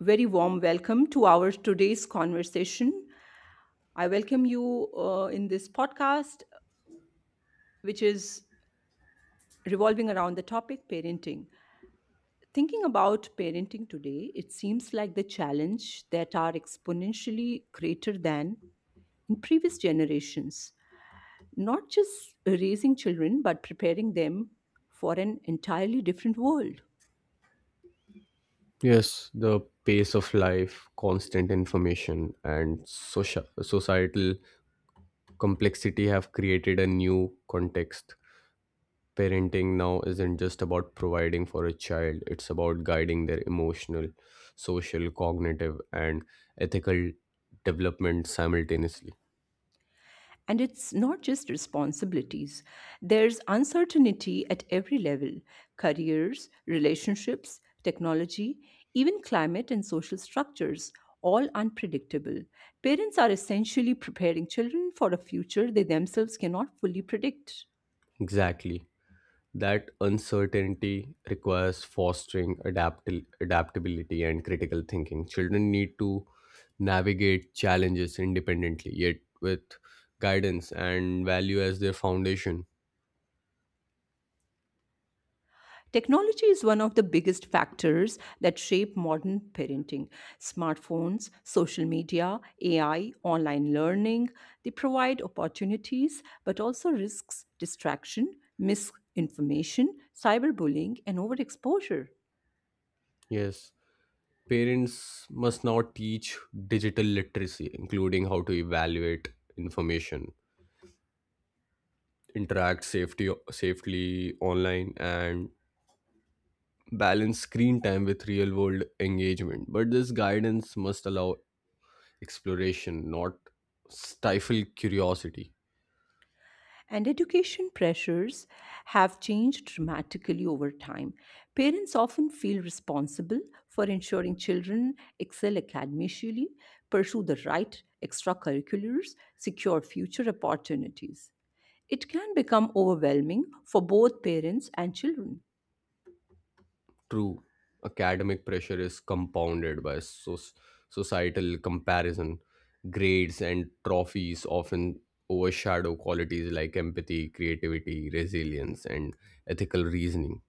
Very warm welcome to our today's conversation. I welcome you in this podcast, which is revolving around the topic parenting. Thinking about parenting today, it seems like the challenge that are exponentially greater than in previous generations, not just raising children, but preparing them for an entirely different world. Yes, the pace of life, constant information, and social, societal complexity have created a new context. Parenting now isn't just about providing for a child, it's about guiding their emotional, social, cognitive, and ethical development simultaneously. And it's not just responsibilities, there's uncertainty at every level careers, relationships, technology, even climate and social structures. All unpredictable. Parents are essentially preparing children for a future they themselves cannot fully predict. Exactly. That uncertainty requires fostering adaptability and critical thinking. Children need to navigate challenges independently, yet with guidance and value as their foundation. Technology is one of the biggest factors that shape modern parenting. Smartphones, social media, AI, online learning, they provide opportunities but also risks distraction, misinformation, cyberbullying, and overexposure. Yes, parents must now teach digital literacy, including how to evaluate information, interact safely online, and balance screen time with real world engagement. But this guidance must allow exploration, not stifle curiosity. And education pressures have changed dramatically over time. Parents often feel responsible for ensuring children excel academically, pursue the right extracurriculars, secure future opportunities. It can become overwhelming for both parents and children. True, academic pressure is compounded by societal comparison. Grades and trophies often overshadow qualities like empathy, creativity, resilience, and ethical reasoning.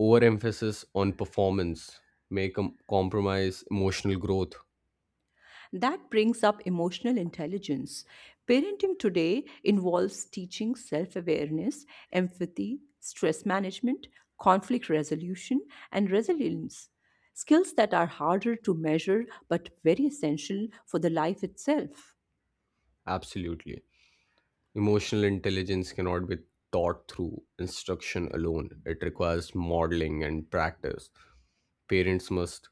Overemphasis on performance may compromise emotional growth. That brings up emotional intelligence. Parenting today involves teaching self awareness, empathy, stress management, conflict resolution, and resilience. Skills that are harder to measure but very essential for the life itself. Absolutely. Emotional intelligence cannot be taught through instruction alone. It requires modeling and practice. Parents must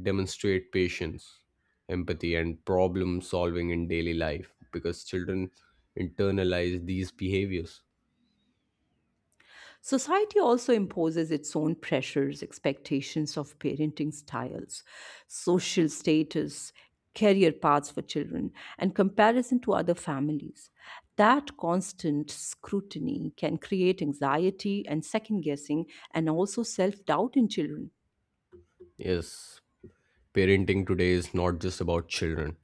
demonstrate patience, empathy, and problem solving in daily life because children internalize these behaviors. Society also imposes its own pressures, expectations of parenting styles, social status, career paths for children, and comparison to other families. That constant scrutiny can create anxiety and second guessing and also self doubt in children. Yes, parenting today is not just about children,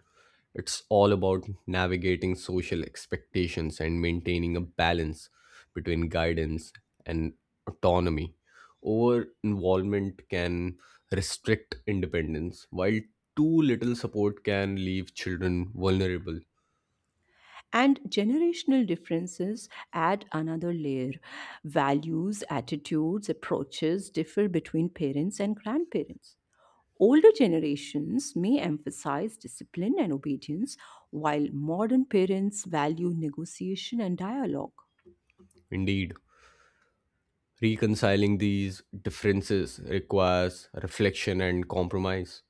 it's all about navigating social expectations and maintaining a balance between guidance and autonomy. Over involvement can restrict independence, while too little support can leave children vulnerable. And generational differences add another layer. Values, attitudes, approaches differ between parents and grandparents. Older generations may emphasize discipline and obedience, while modern parents value negotiation and dialogue. Indeed, reconciling these differences requires reflection and compromise.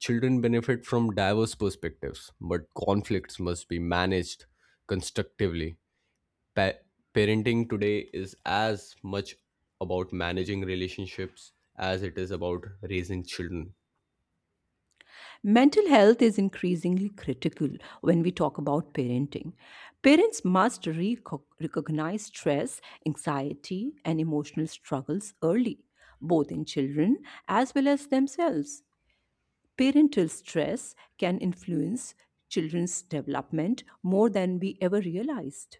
Children benefit from diverse perspectives, but conflicts must be managed constructively. Pa- Parenting today is as much about managing relationships as it is about raising children. Mental health is increasingly critical when we talk about parenting. Parents must recognize stress, anxiety, and emotional struggles early, both in children as well as themselves. Parental stress can influence children's development more than we ever realized.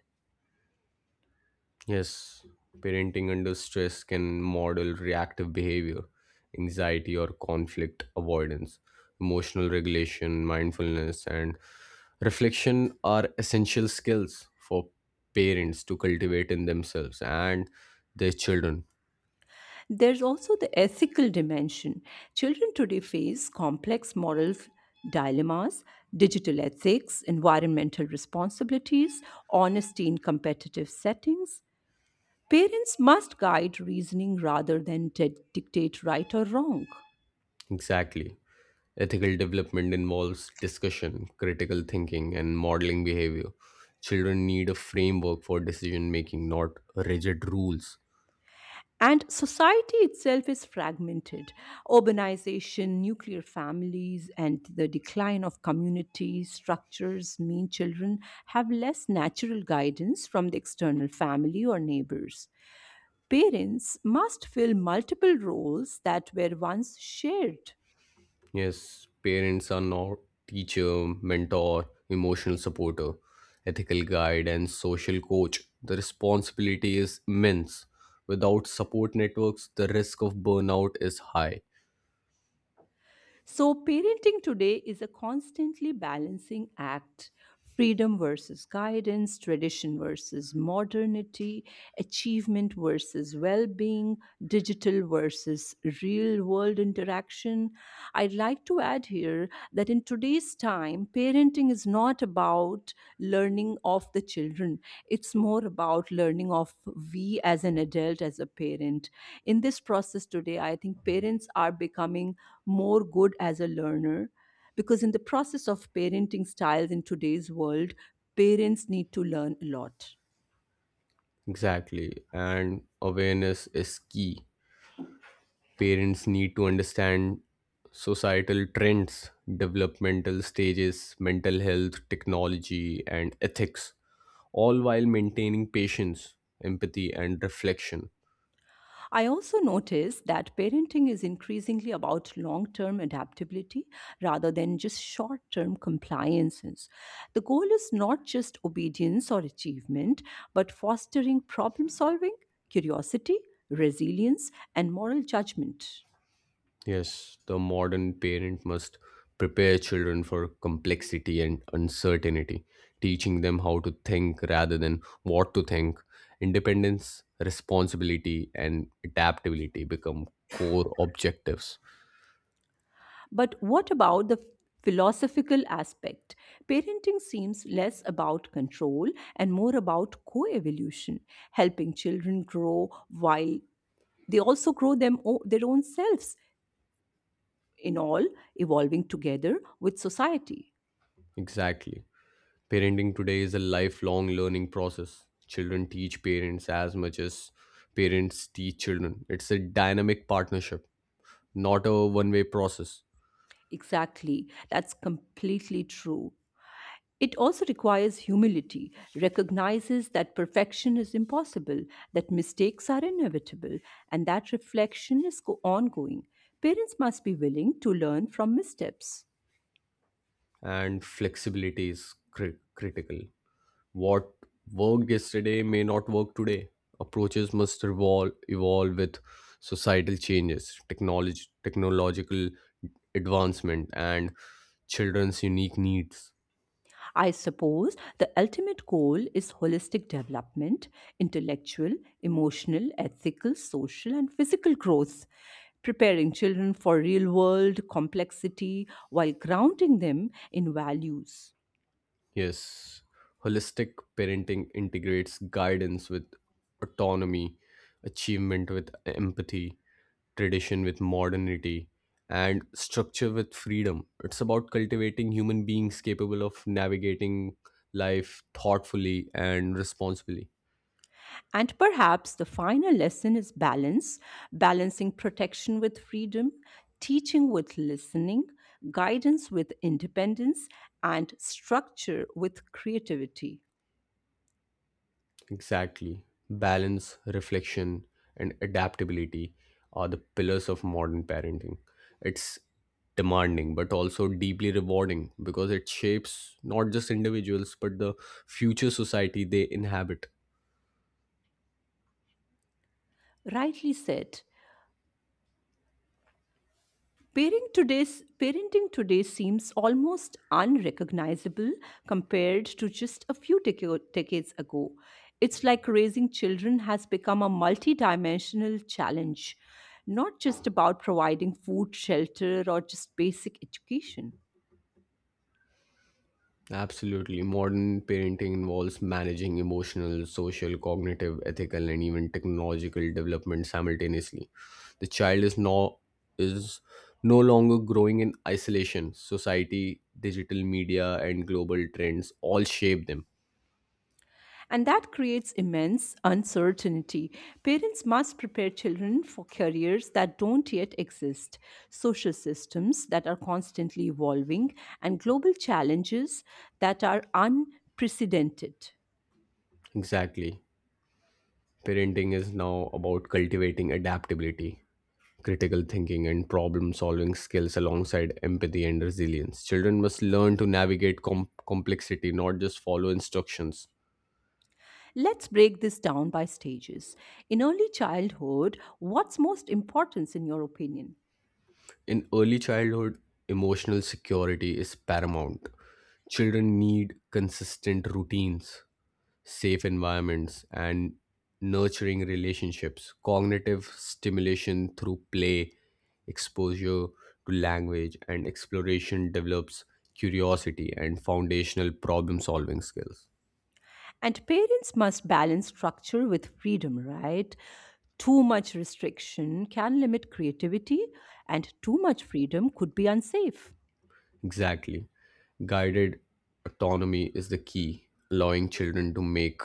Yes, parenting under stress can model reactive behavior, anxiety or conflict avoidance. Emotional regulation, mindfulness, and reflection are essential skills for parents to cultivate in themselves and their children. There's also the ethical dimension. Children today face complex dilemmas, digital ethics, environmental responsibilities, honesty in competitive settings. Parents must guide reasoning rather than dictate right or wrong. Exactly. Ethical development involves discussion, critical thinking, and modeling behavior. Children need a framework for decision making, not rigid rules. And society itself is fragmented. Urbanization, nuclear families, and the decline of community structures mean children have less natural guidance from the external family or neighbors. Parents must fill multiple roles that were once shared. Yes, parents are not teacher, mentor, emotional supporter, ethical guide, and social coach. The responsibility is immense. Without support networks, the risk of burnout is high. So, parenting today is a constantly balancing act freedom versus guidance, tradition versus modernity, achievement versus well being, digital versus real world interaction. I'd like to add here that in today's time, parenting is not about learning of the children, it's more about learning of we as an adult as a parent in this process. Today I think parents are becoming more good as a learner, because in the process of parenting styles in today's world parents need to learn a lot. Exactly, and awareness is key. Parents need to understand societal trends, developmental stages, mental health, technology, and ethics, all while maintaining patience, empathy, and reflection. I also notice that parenting is increasingly about long term adaptability rather than just short term compliances. The goal is not just obedience or achievement, but fostering problem solving, curiosity, resilience, and moral judgment. Yes, the modern parent must prepare children for complexity and uncertainty, teaching them how to think rather than what to think. Independence, responsibility, and adaptability become core objectives. But what about the philosophical aspect? Parenting seems less about control and more about co evolution, helping children grow while they also their own selves in all, evolving together with society. Exactly. Parenting today is a lifelong learning process. Children teach parents as much as parents teach children. It's a dynamic partnership, not a one way process, Exactly, that's completely true. It also requires humility, recognizes that perfection is impossible, that mistakes are inevitable, and that reflection is ongoing. Parents must be willing to learn from missteps. and flexibility is critical. What worked yesterday may not work today. Approaches must evolve, evolve with societal changes, technological advancement, and children's unique needs. I suppose the ultimate goal is holistic development, intellectual, emotional, ethical, social, and physical growth, preparing children for real world complexity while grounding them in values. Yes, holistic parenting integrates guidance with autonomy, achievement with empathy, tradition with modernity, and structure with freedom. It's about cultivating human beings capable of navigating life thoughtfully and responsibly. And perhaps the final lesson is balance, balancing protection with freedom, teaching with listening, guidance with independence, and structure with creativity. Exactly. Balance, reflection, and adaptability are the pillars of modern parenting. It's demanding but also deeply rewarding because it shapes not just individuals but the future society they inhabit. Rightly said. Parenting today seems almost unrecognizable compared to just a few decades ago. It's like raising children has become a multidimensional challenge, not just about providing food, shelter, or just basic education. Absolutely. Modern parenting involves managing emotional, social, cognitive, ethical, and even technological development simultaneously. The child is no longer growing in isolation. Society, digital media, and global trends all shape them. And that creates immense uncertainty. Parents must prepare children for careers that don't yet exist, social systems that are constantly evolving, and global challenges that are unprecedented. Exactly. Parenting is now about cultivating adaptability, critical thinking, and problem solving skills alongside empathy and resilience. Children must learn to navigate complexity, not just follow instructions. Let's break this down by stages. In early childhood, what's most important in your opinion? In early childhood, emotional security is paramount. Children need consistent routines, safe environments and nurturing relationships, cognitive stimulation through play, exposure to language, and exploration develops curiosity and foundational problem solving skills. And parents must balance structure with freedom, right? Too much restriction can limit creativity, and too much freedom could be unsafe. Exactly. Guided autonomy is the key, allowing children to make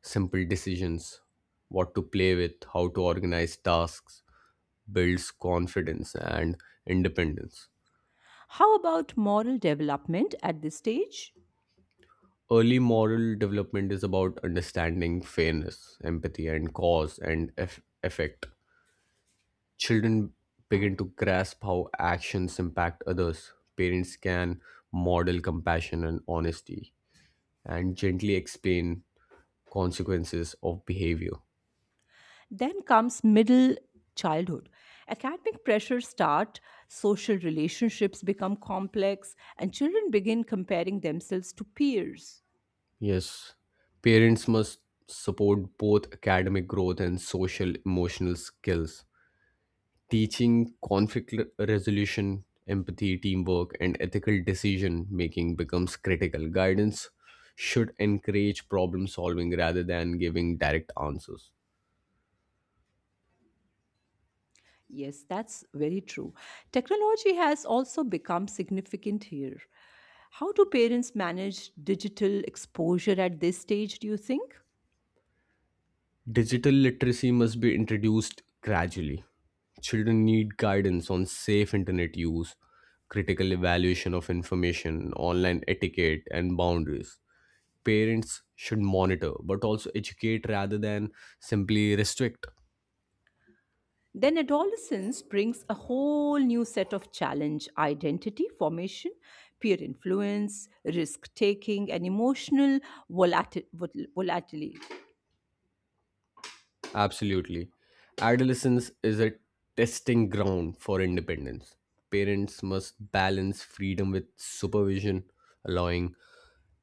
simple decisions what to play with, how to organize tasks, builds confidence and independence. How about moral development at this stage? Early moral development is about understanding fairness, empathy, and cause and effect. Children begin to grasp how actions impact others. Parents can model compassion and honesty and gently explain consequences of behavior. Then comes middle childhood. Academic pressures start, social relationships become complex, and children begin comparing themselves to peers. Yes, parents must support both academic growth and social emotional skills. Teaching conflict resolution, empathy, teamwork, and ethical decision making becomes critical. Guidance should encourage problem solving rather than giving direct answers. Yes, that's very true. Technology has also become significant here. How do parents manage digital exposure at this stage, do you think? Digital literacy must be introduced gradually. Children need guidance on safe internet use, critical evaluation of information, online etiquette, and boundaries. Parents should monitor but also educate rather than simply restrict. Then adolescence brings a whole new set of challenge identity formation, peer influence, risk taking, and emotional volatility. Absolutely. Adolescence is a testing ground for independence. Parents must balance freedom with supervision, allowing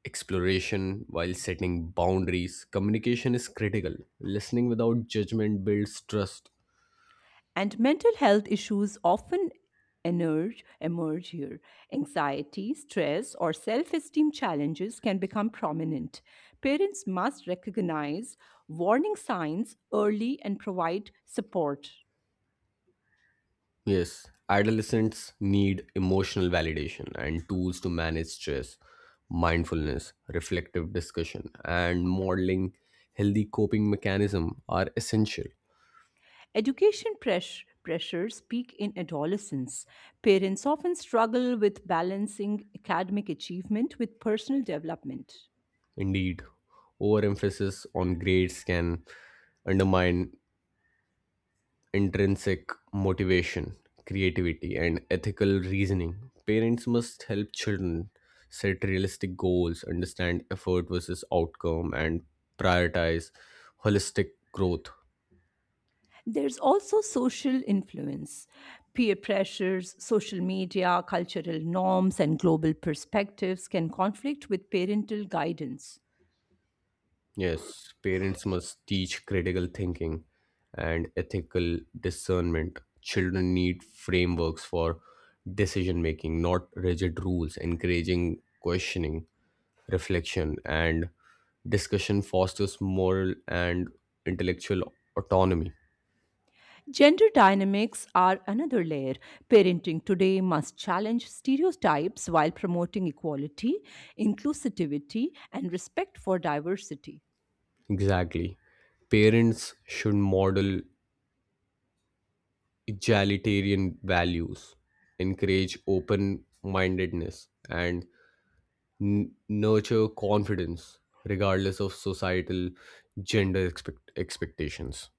exploration while setting boundaries. Communication is critical. Listening without judgment builds trust. And mental health issues emerge here. Anxiety, stress, or self esteem challenges can become prominent. Parents must recognize warning signs early and provide support. Yes, adolescents need emotional validation and tools to manage stress, mindfulness, reflective discussion, and modeling healthy coping mechanism are essential. Pressures peak in adolescence. Parents often struggle with balancing academic achievement with personal development. Indeed, overemphasis on grades can undermine intrinsic motivation, creativity, and ethical reasoning. Parents must help children set realistic goals, understand effort versus outcome, and prioritize holistic growth. There's also social influence, peer pressures, social media, cultural norms, and global perspectives can conflict with parental guidance. Yes, parents must teach critical thinking and ethical discernment. Children need frameworks for decision making, not rigid rules. Encouraging questioning, reflection, and discussion fosters moral and intellectual autonomy. Gender dynamics are another layer. Parenting today must challenge stereotypes while promoting equality, inclusivity, and respect for diversity. Exactly. Parents should model egalitarian values, encourage open mindedness, and nurture confidence regardless of societal gender expectations.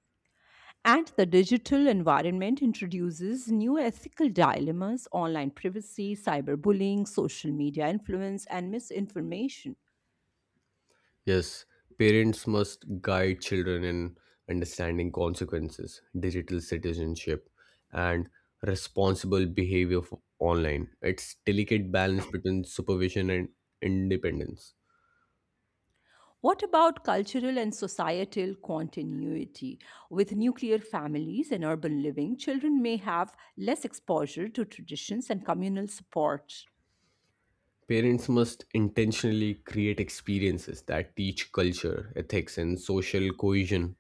And the digital environment introduces new ethical dilemmas online privacy, cyberbullying, social media influence, and misinformation. Yes, parents must guide children in understanding consequences, digital citizenship, and responsible behavior online. It's delicate balance between supervision and independence. What about cultural and societal continuity? With nuclear families and urban living, children may have less exposure to traditions and communal support. Parents must intentionally create experiences that teach culture, ethics, and social cohesion.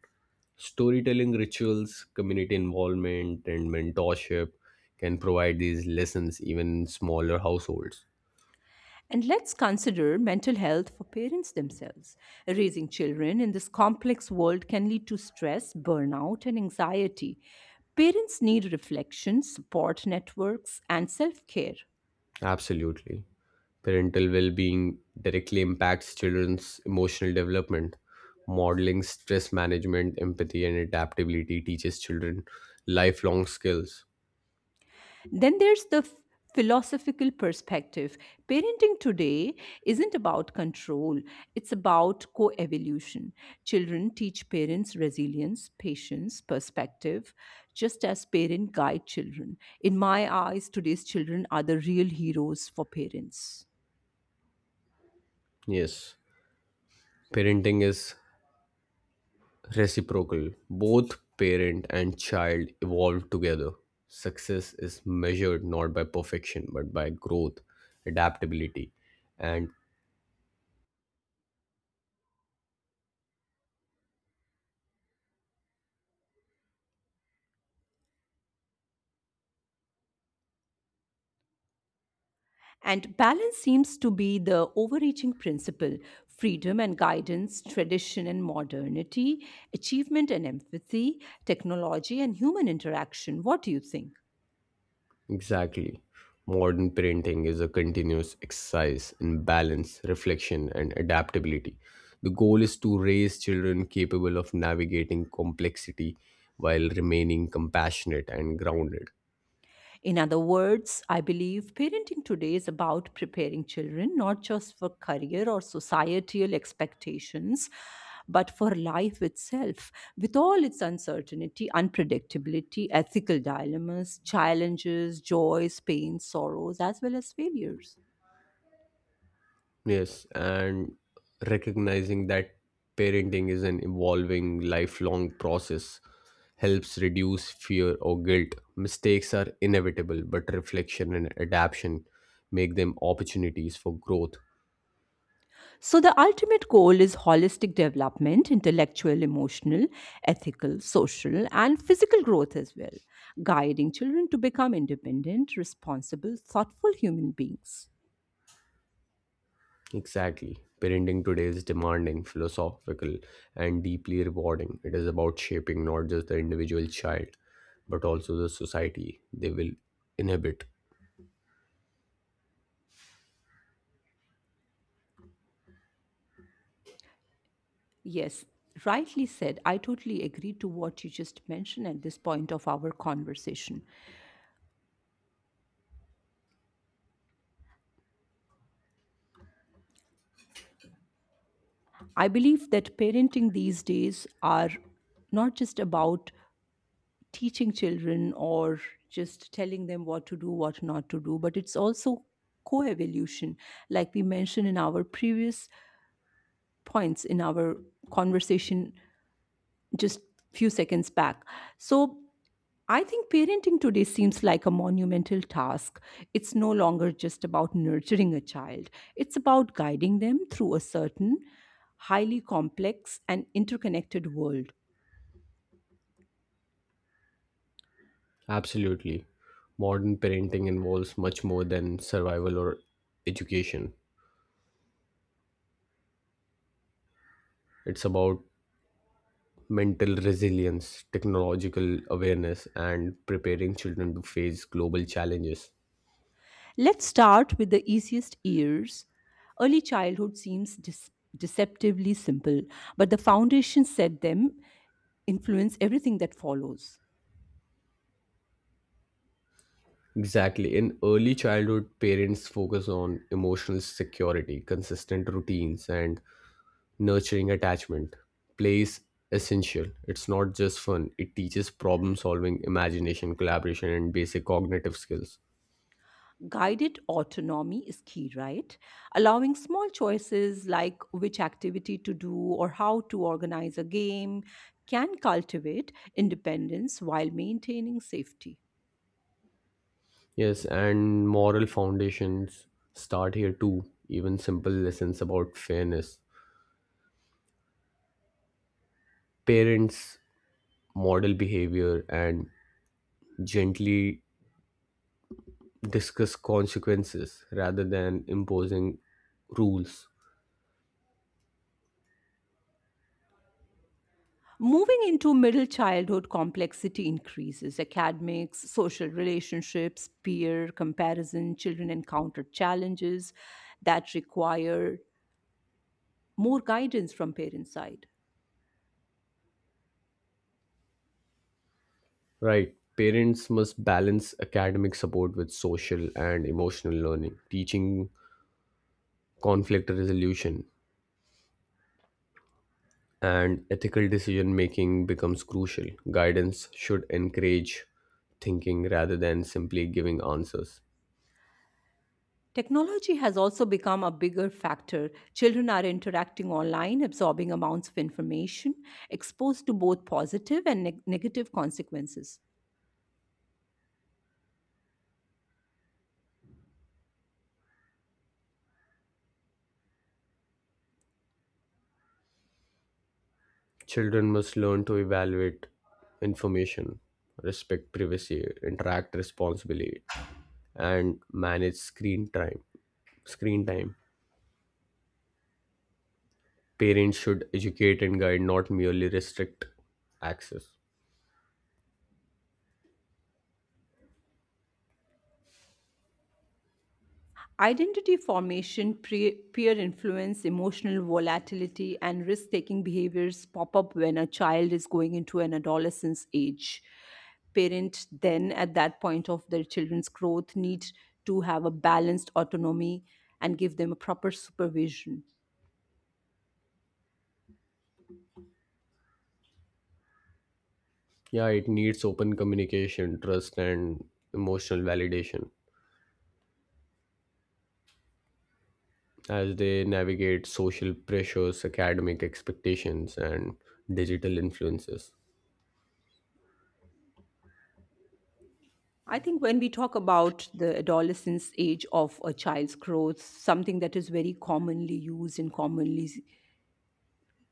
Storytelling rituals, community involvement, and mentorship can provide these lessons even in smaller households. And let's consider mental health for parents themselves. Raising children in this complex world can lead to stress, burnout, and anxiety. Parents need reflection, support networks, and self care. Absolutely. Parental well being directly impacts children's emotional development. Modeling stress management, empathy, and adaptability teaches children lifelong skills. Then there's the philosophical perspective. Parenting today isn't about control, it's about co evolution. Children teach parents resilience, patience, perspective, just as parents guide children. In my eyes, today's children are the real heroes for parents. Yes, parenting is reciprocal. Both parent and child evolve together. Success is measured not by perfection but by growth, adaptability, and And balance seems to be the overreaching principle freedom and guidance, tradition and modernity, achievement and empathy, technology and human interaction. What do you think? exactly. Modern parenting is a continuous exercise in balance, reflection, and adaptability. The goal is to raise children capable of navigating complexity while remaining compassionate and grounded. In other words, I believe parenting today is about preparing children not just for career or societal expectations, but for life itself, with all its uncertainty, unpredictability, ethical dilemmas, challenges, joys, pains, sorrows, as well as failures. Yes, and recognizing that parenting is an evolving lifelong process helps reduce fear or guilt. Mistakes are inevitable, but reflection and adaptation make them opportunities for growth. So, the ultimate goal is holistic development, intellectual, emotional, ethical, social, and physical growth as well, guiding children to become independent, responsible, thoughtful human beings. Exactly. Parenting today is demanding, philosophical, and deeply rewarding. It is about shaping not just the individual child, but also the society they will inhabit. Yes, rightly said. I totally agree to what you just mentioned at this point of our conversation. I believe that parenting these days are not just about teaching children or just telling them what to do, what not to do, but it's also co evolution. Like we mentioned in our previous points in our conversation just few seconds back. So I think parenting today seems like a monumental task. It's no longer just about nurturing a child, it's about guiding them through a certain highly complex and interconnected world. Absolutely. Modern parenting involves much more than survival or education. It's about mental resilience, technological awareness, and preparing children to face global challenges. Let's start with the easiest years. Early childhood seems deceptively simple, but the foundation set them influence everything that follows. Exactly. In early childhood, parents focus on emotional security, consistent routines, and nurturing attachment. Play is essential. It's not just fun, it teaches problem solving, imagination, collaboration, and basic cognitive skills. Guided autonomy is key, right? Allowing small choices like which activity to do or how to organize a game can cultivate independence while maintaining safety. Yes, and moral foundations start here too. Even simple lessons about fairness. Parents model behavior and gently discuss consequences rather than imposing rules. Moving into middle childhood, complexity increases. Academics, social relationships, peer comparison, children encounter challenges that require more guidance from parent side. Right. Parents must balance academic support with social and emotional learning, teaching conflict resolution, and ethical decision making becomes crucial. Guidance should encourage thinking rather than simply giving answers. Technology has also become a bigger factor. Children are interacting online, absorbing amounts of information, exposed to both positive and negative consequences. Children must learn to evaluate information, respect privacy, interact responsibly, and manage screen time. Screen time. Parents should educate and guide, not merely restrict access. Identity formation, peer influence, emotional volatility, and risk taking behaviors pop up when a child is going into an adolescence age. Parent then, at that point of their children's growth, need to have a balanced autonomy and give them a proper supervision. Yeah, it needs open communication, trust, and emotional validation, as they navigate social pressures, academic expectations, and digital influences. I think when we talk about the adolescence age of a child's growth, something that is very commonly used and commonly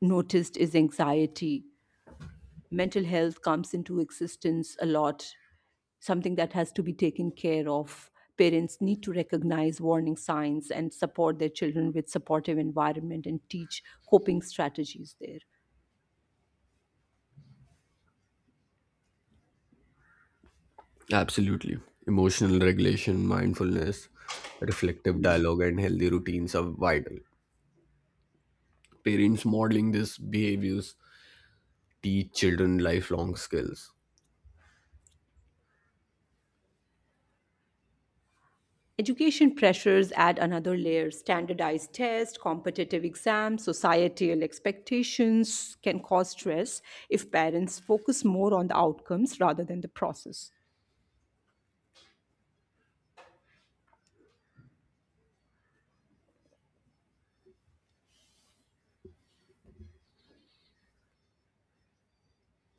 noticed is anxiety. Mental health comes into existence a lot, something that has to be taken care of. Parents need to recognize warning signs and support their children with supportive environment and teach coping strategies there. Absolutely. Emotional regulation, mindfulness, reflective dialogue, and healthy routines are vital. Parents modeling these behaviors teach children lifelong skills. Education pressures add another layer standardized tests, competitive exams, societal expectations can cause stress if parents focus more on the outcomes rather than the process.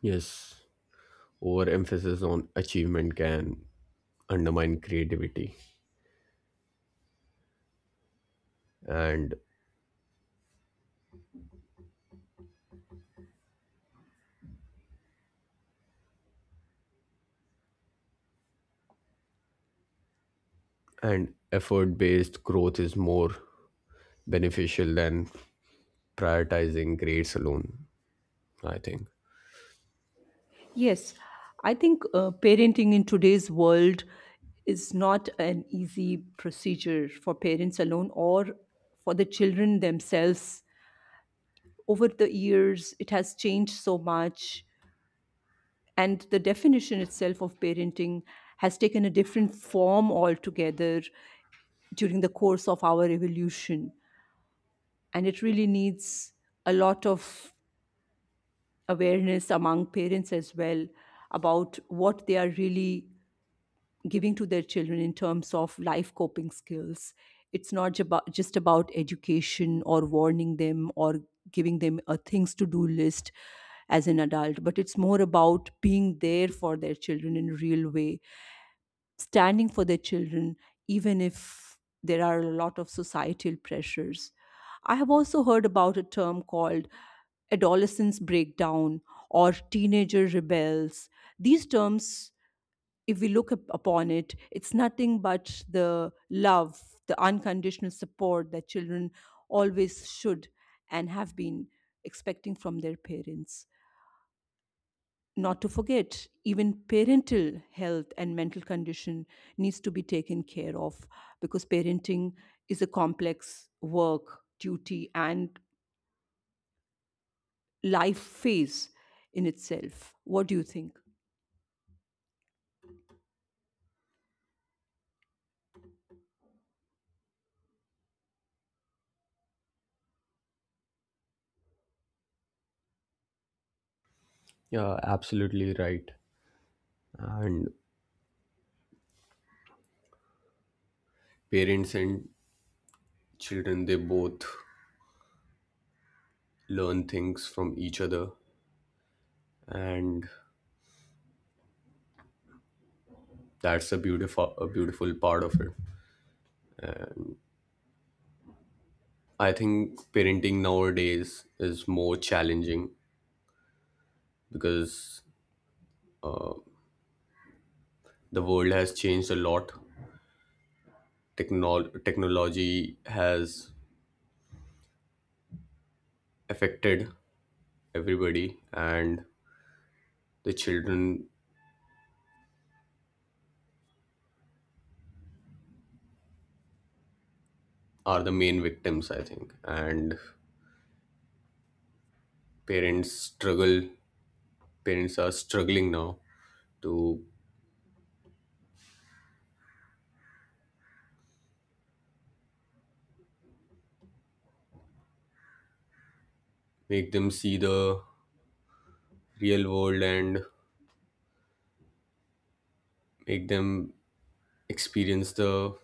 Yes, overemphasis on achievement can undermine creativity and effort based growth is more beneficial than prioritizing grades alone I think. Yes, I think parenting in today's world is not an easy procedure for parents alone or for the children themselves. Over the years, it has changed so much, and the definition itself of parenting has taken a different form altogether during the course of our evolution. And it really needs a lot of awareness among parents as well about what they are really giving to their children in terms of life coping skills. It's not just about education or warning them or giving them a things to do list as an adult, but it's more about being there for their children in a real way, standing for their children, even if there are a lot of societal pressures. I have also heard about a term called adolescence breakdown or teenager rebels. These terms if we upon it, it's nothing but the love, the unconditional support that children always should and have been expecting from their parents. Not to forget, even parental health and mental condition needs to be taken care of because parenting is a complex work, duty, and life phase in itself. What do you think? Yeah, absolutely right. And parents and children, they both learn things from each other, and that's a beautiful part of it. I think parenting nowadays is more challenging because the world has changed a lot. Technology has affected everybody, and the children are the main victims, I think. And parents struggle parents are struggling now to make them see the real world and make them experience the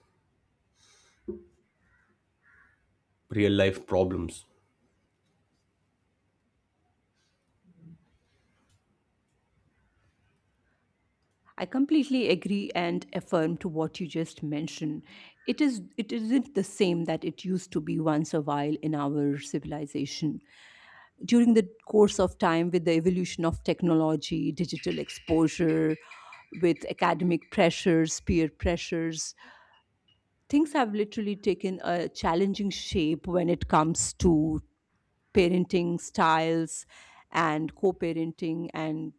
real life problems. I completely agree and affirm to what you just mentioned. It isn't the same that it used to be once a while in our civilization. During the course of time with the evolution of technology, digital exposure, with academic pressures, peer pressures, things have literally taken a challenging shape when it comes to parenting styles and co-parenting and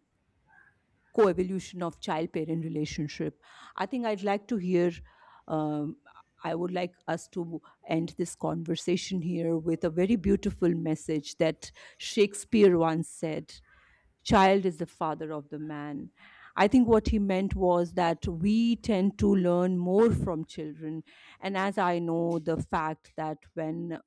coevolution of child parent relationship. I think I'd like to hear, um, I would like us to end this conversation here with a very beautiful message that Shakespeare once said: child is the father of the man. I think what he meant was that we tend to learn more from children. And as I know the fact that when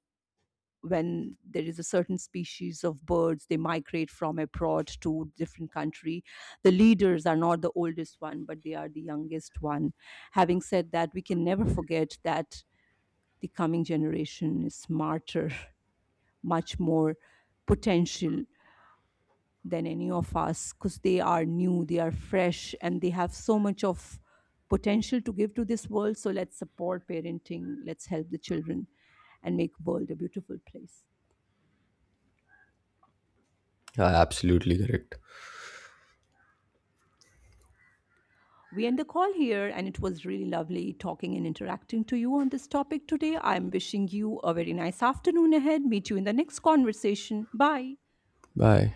when there is a certain species of birds, they migrate from abroad to different country, the leaders are not the oldest one but they are the youngest one. Having said that, we can never forget that the coming generation is smarter much more potential than any of us, because they are new, they are fresh, and they have so much of potential to give to this world. So let's support parenting, let's help the children, and make world a beautiful place. Yeah, absolutely correct. We end the call here, and it was really lovely talking and interacting to you on this topic today. I'm wishing you a very nice afternoon ahead. Meet you in the next conversation. Bye. Bye.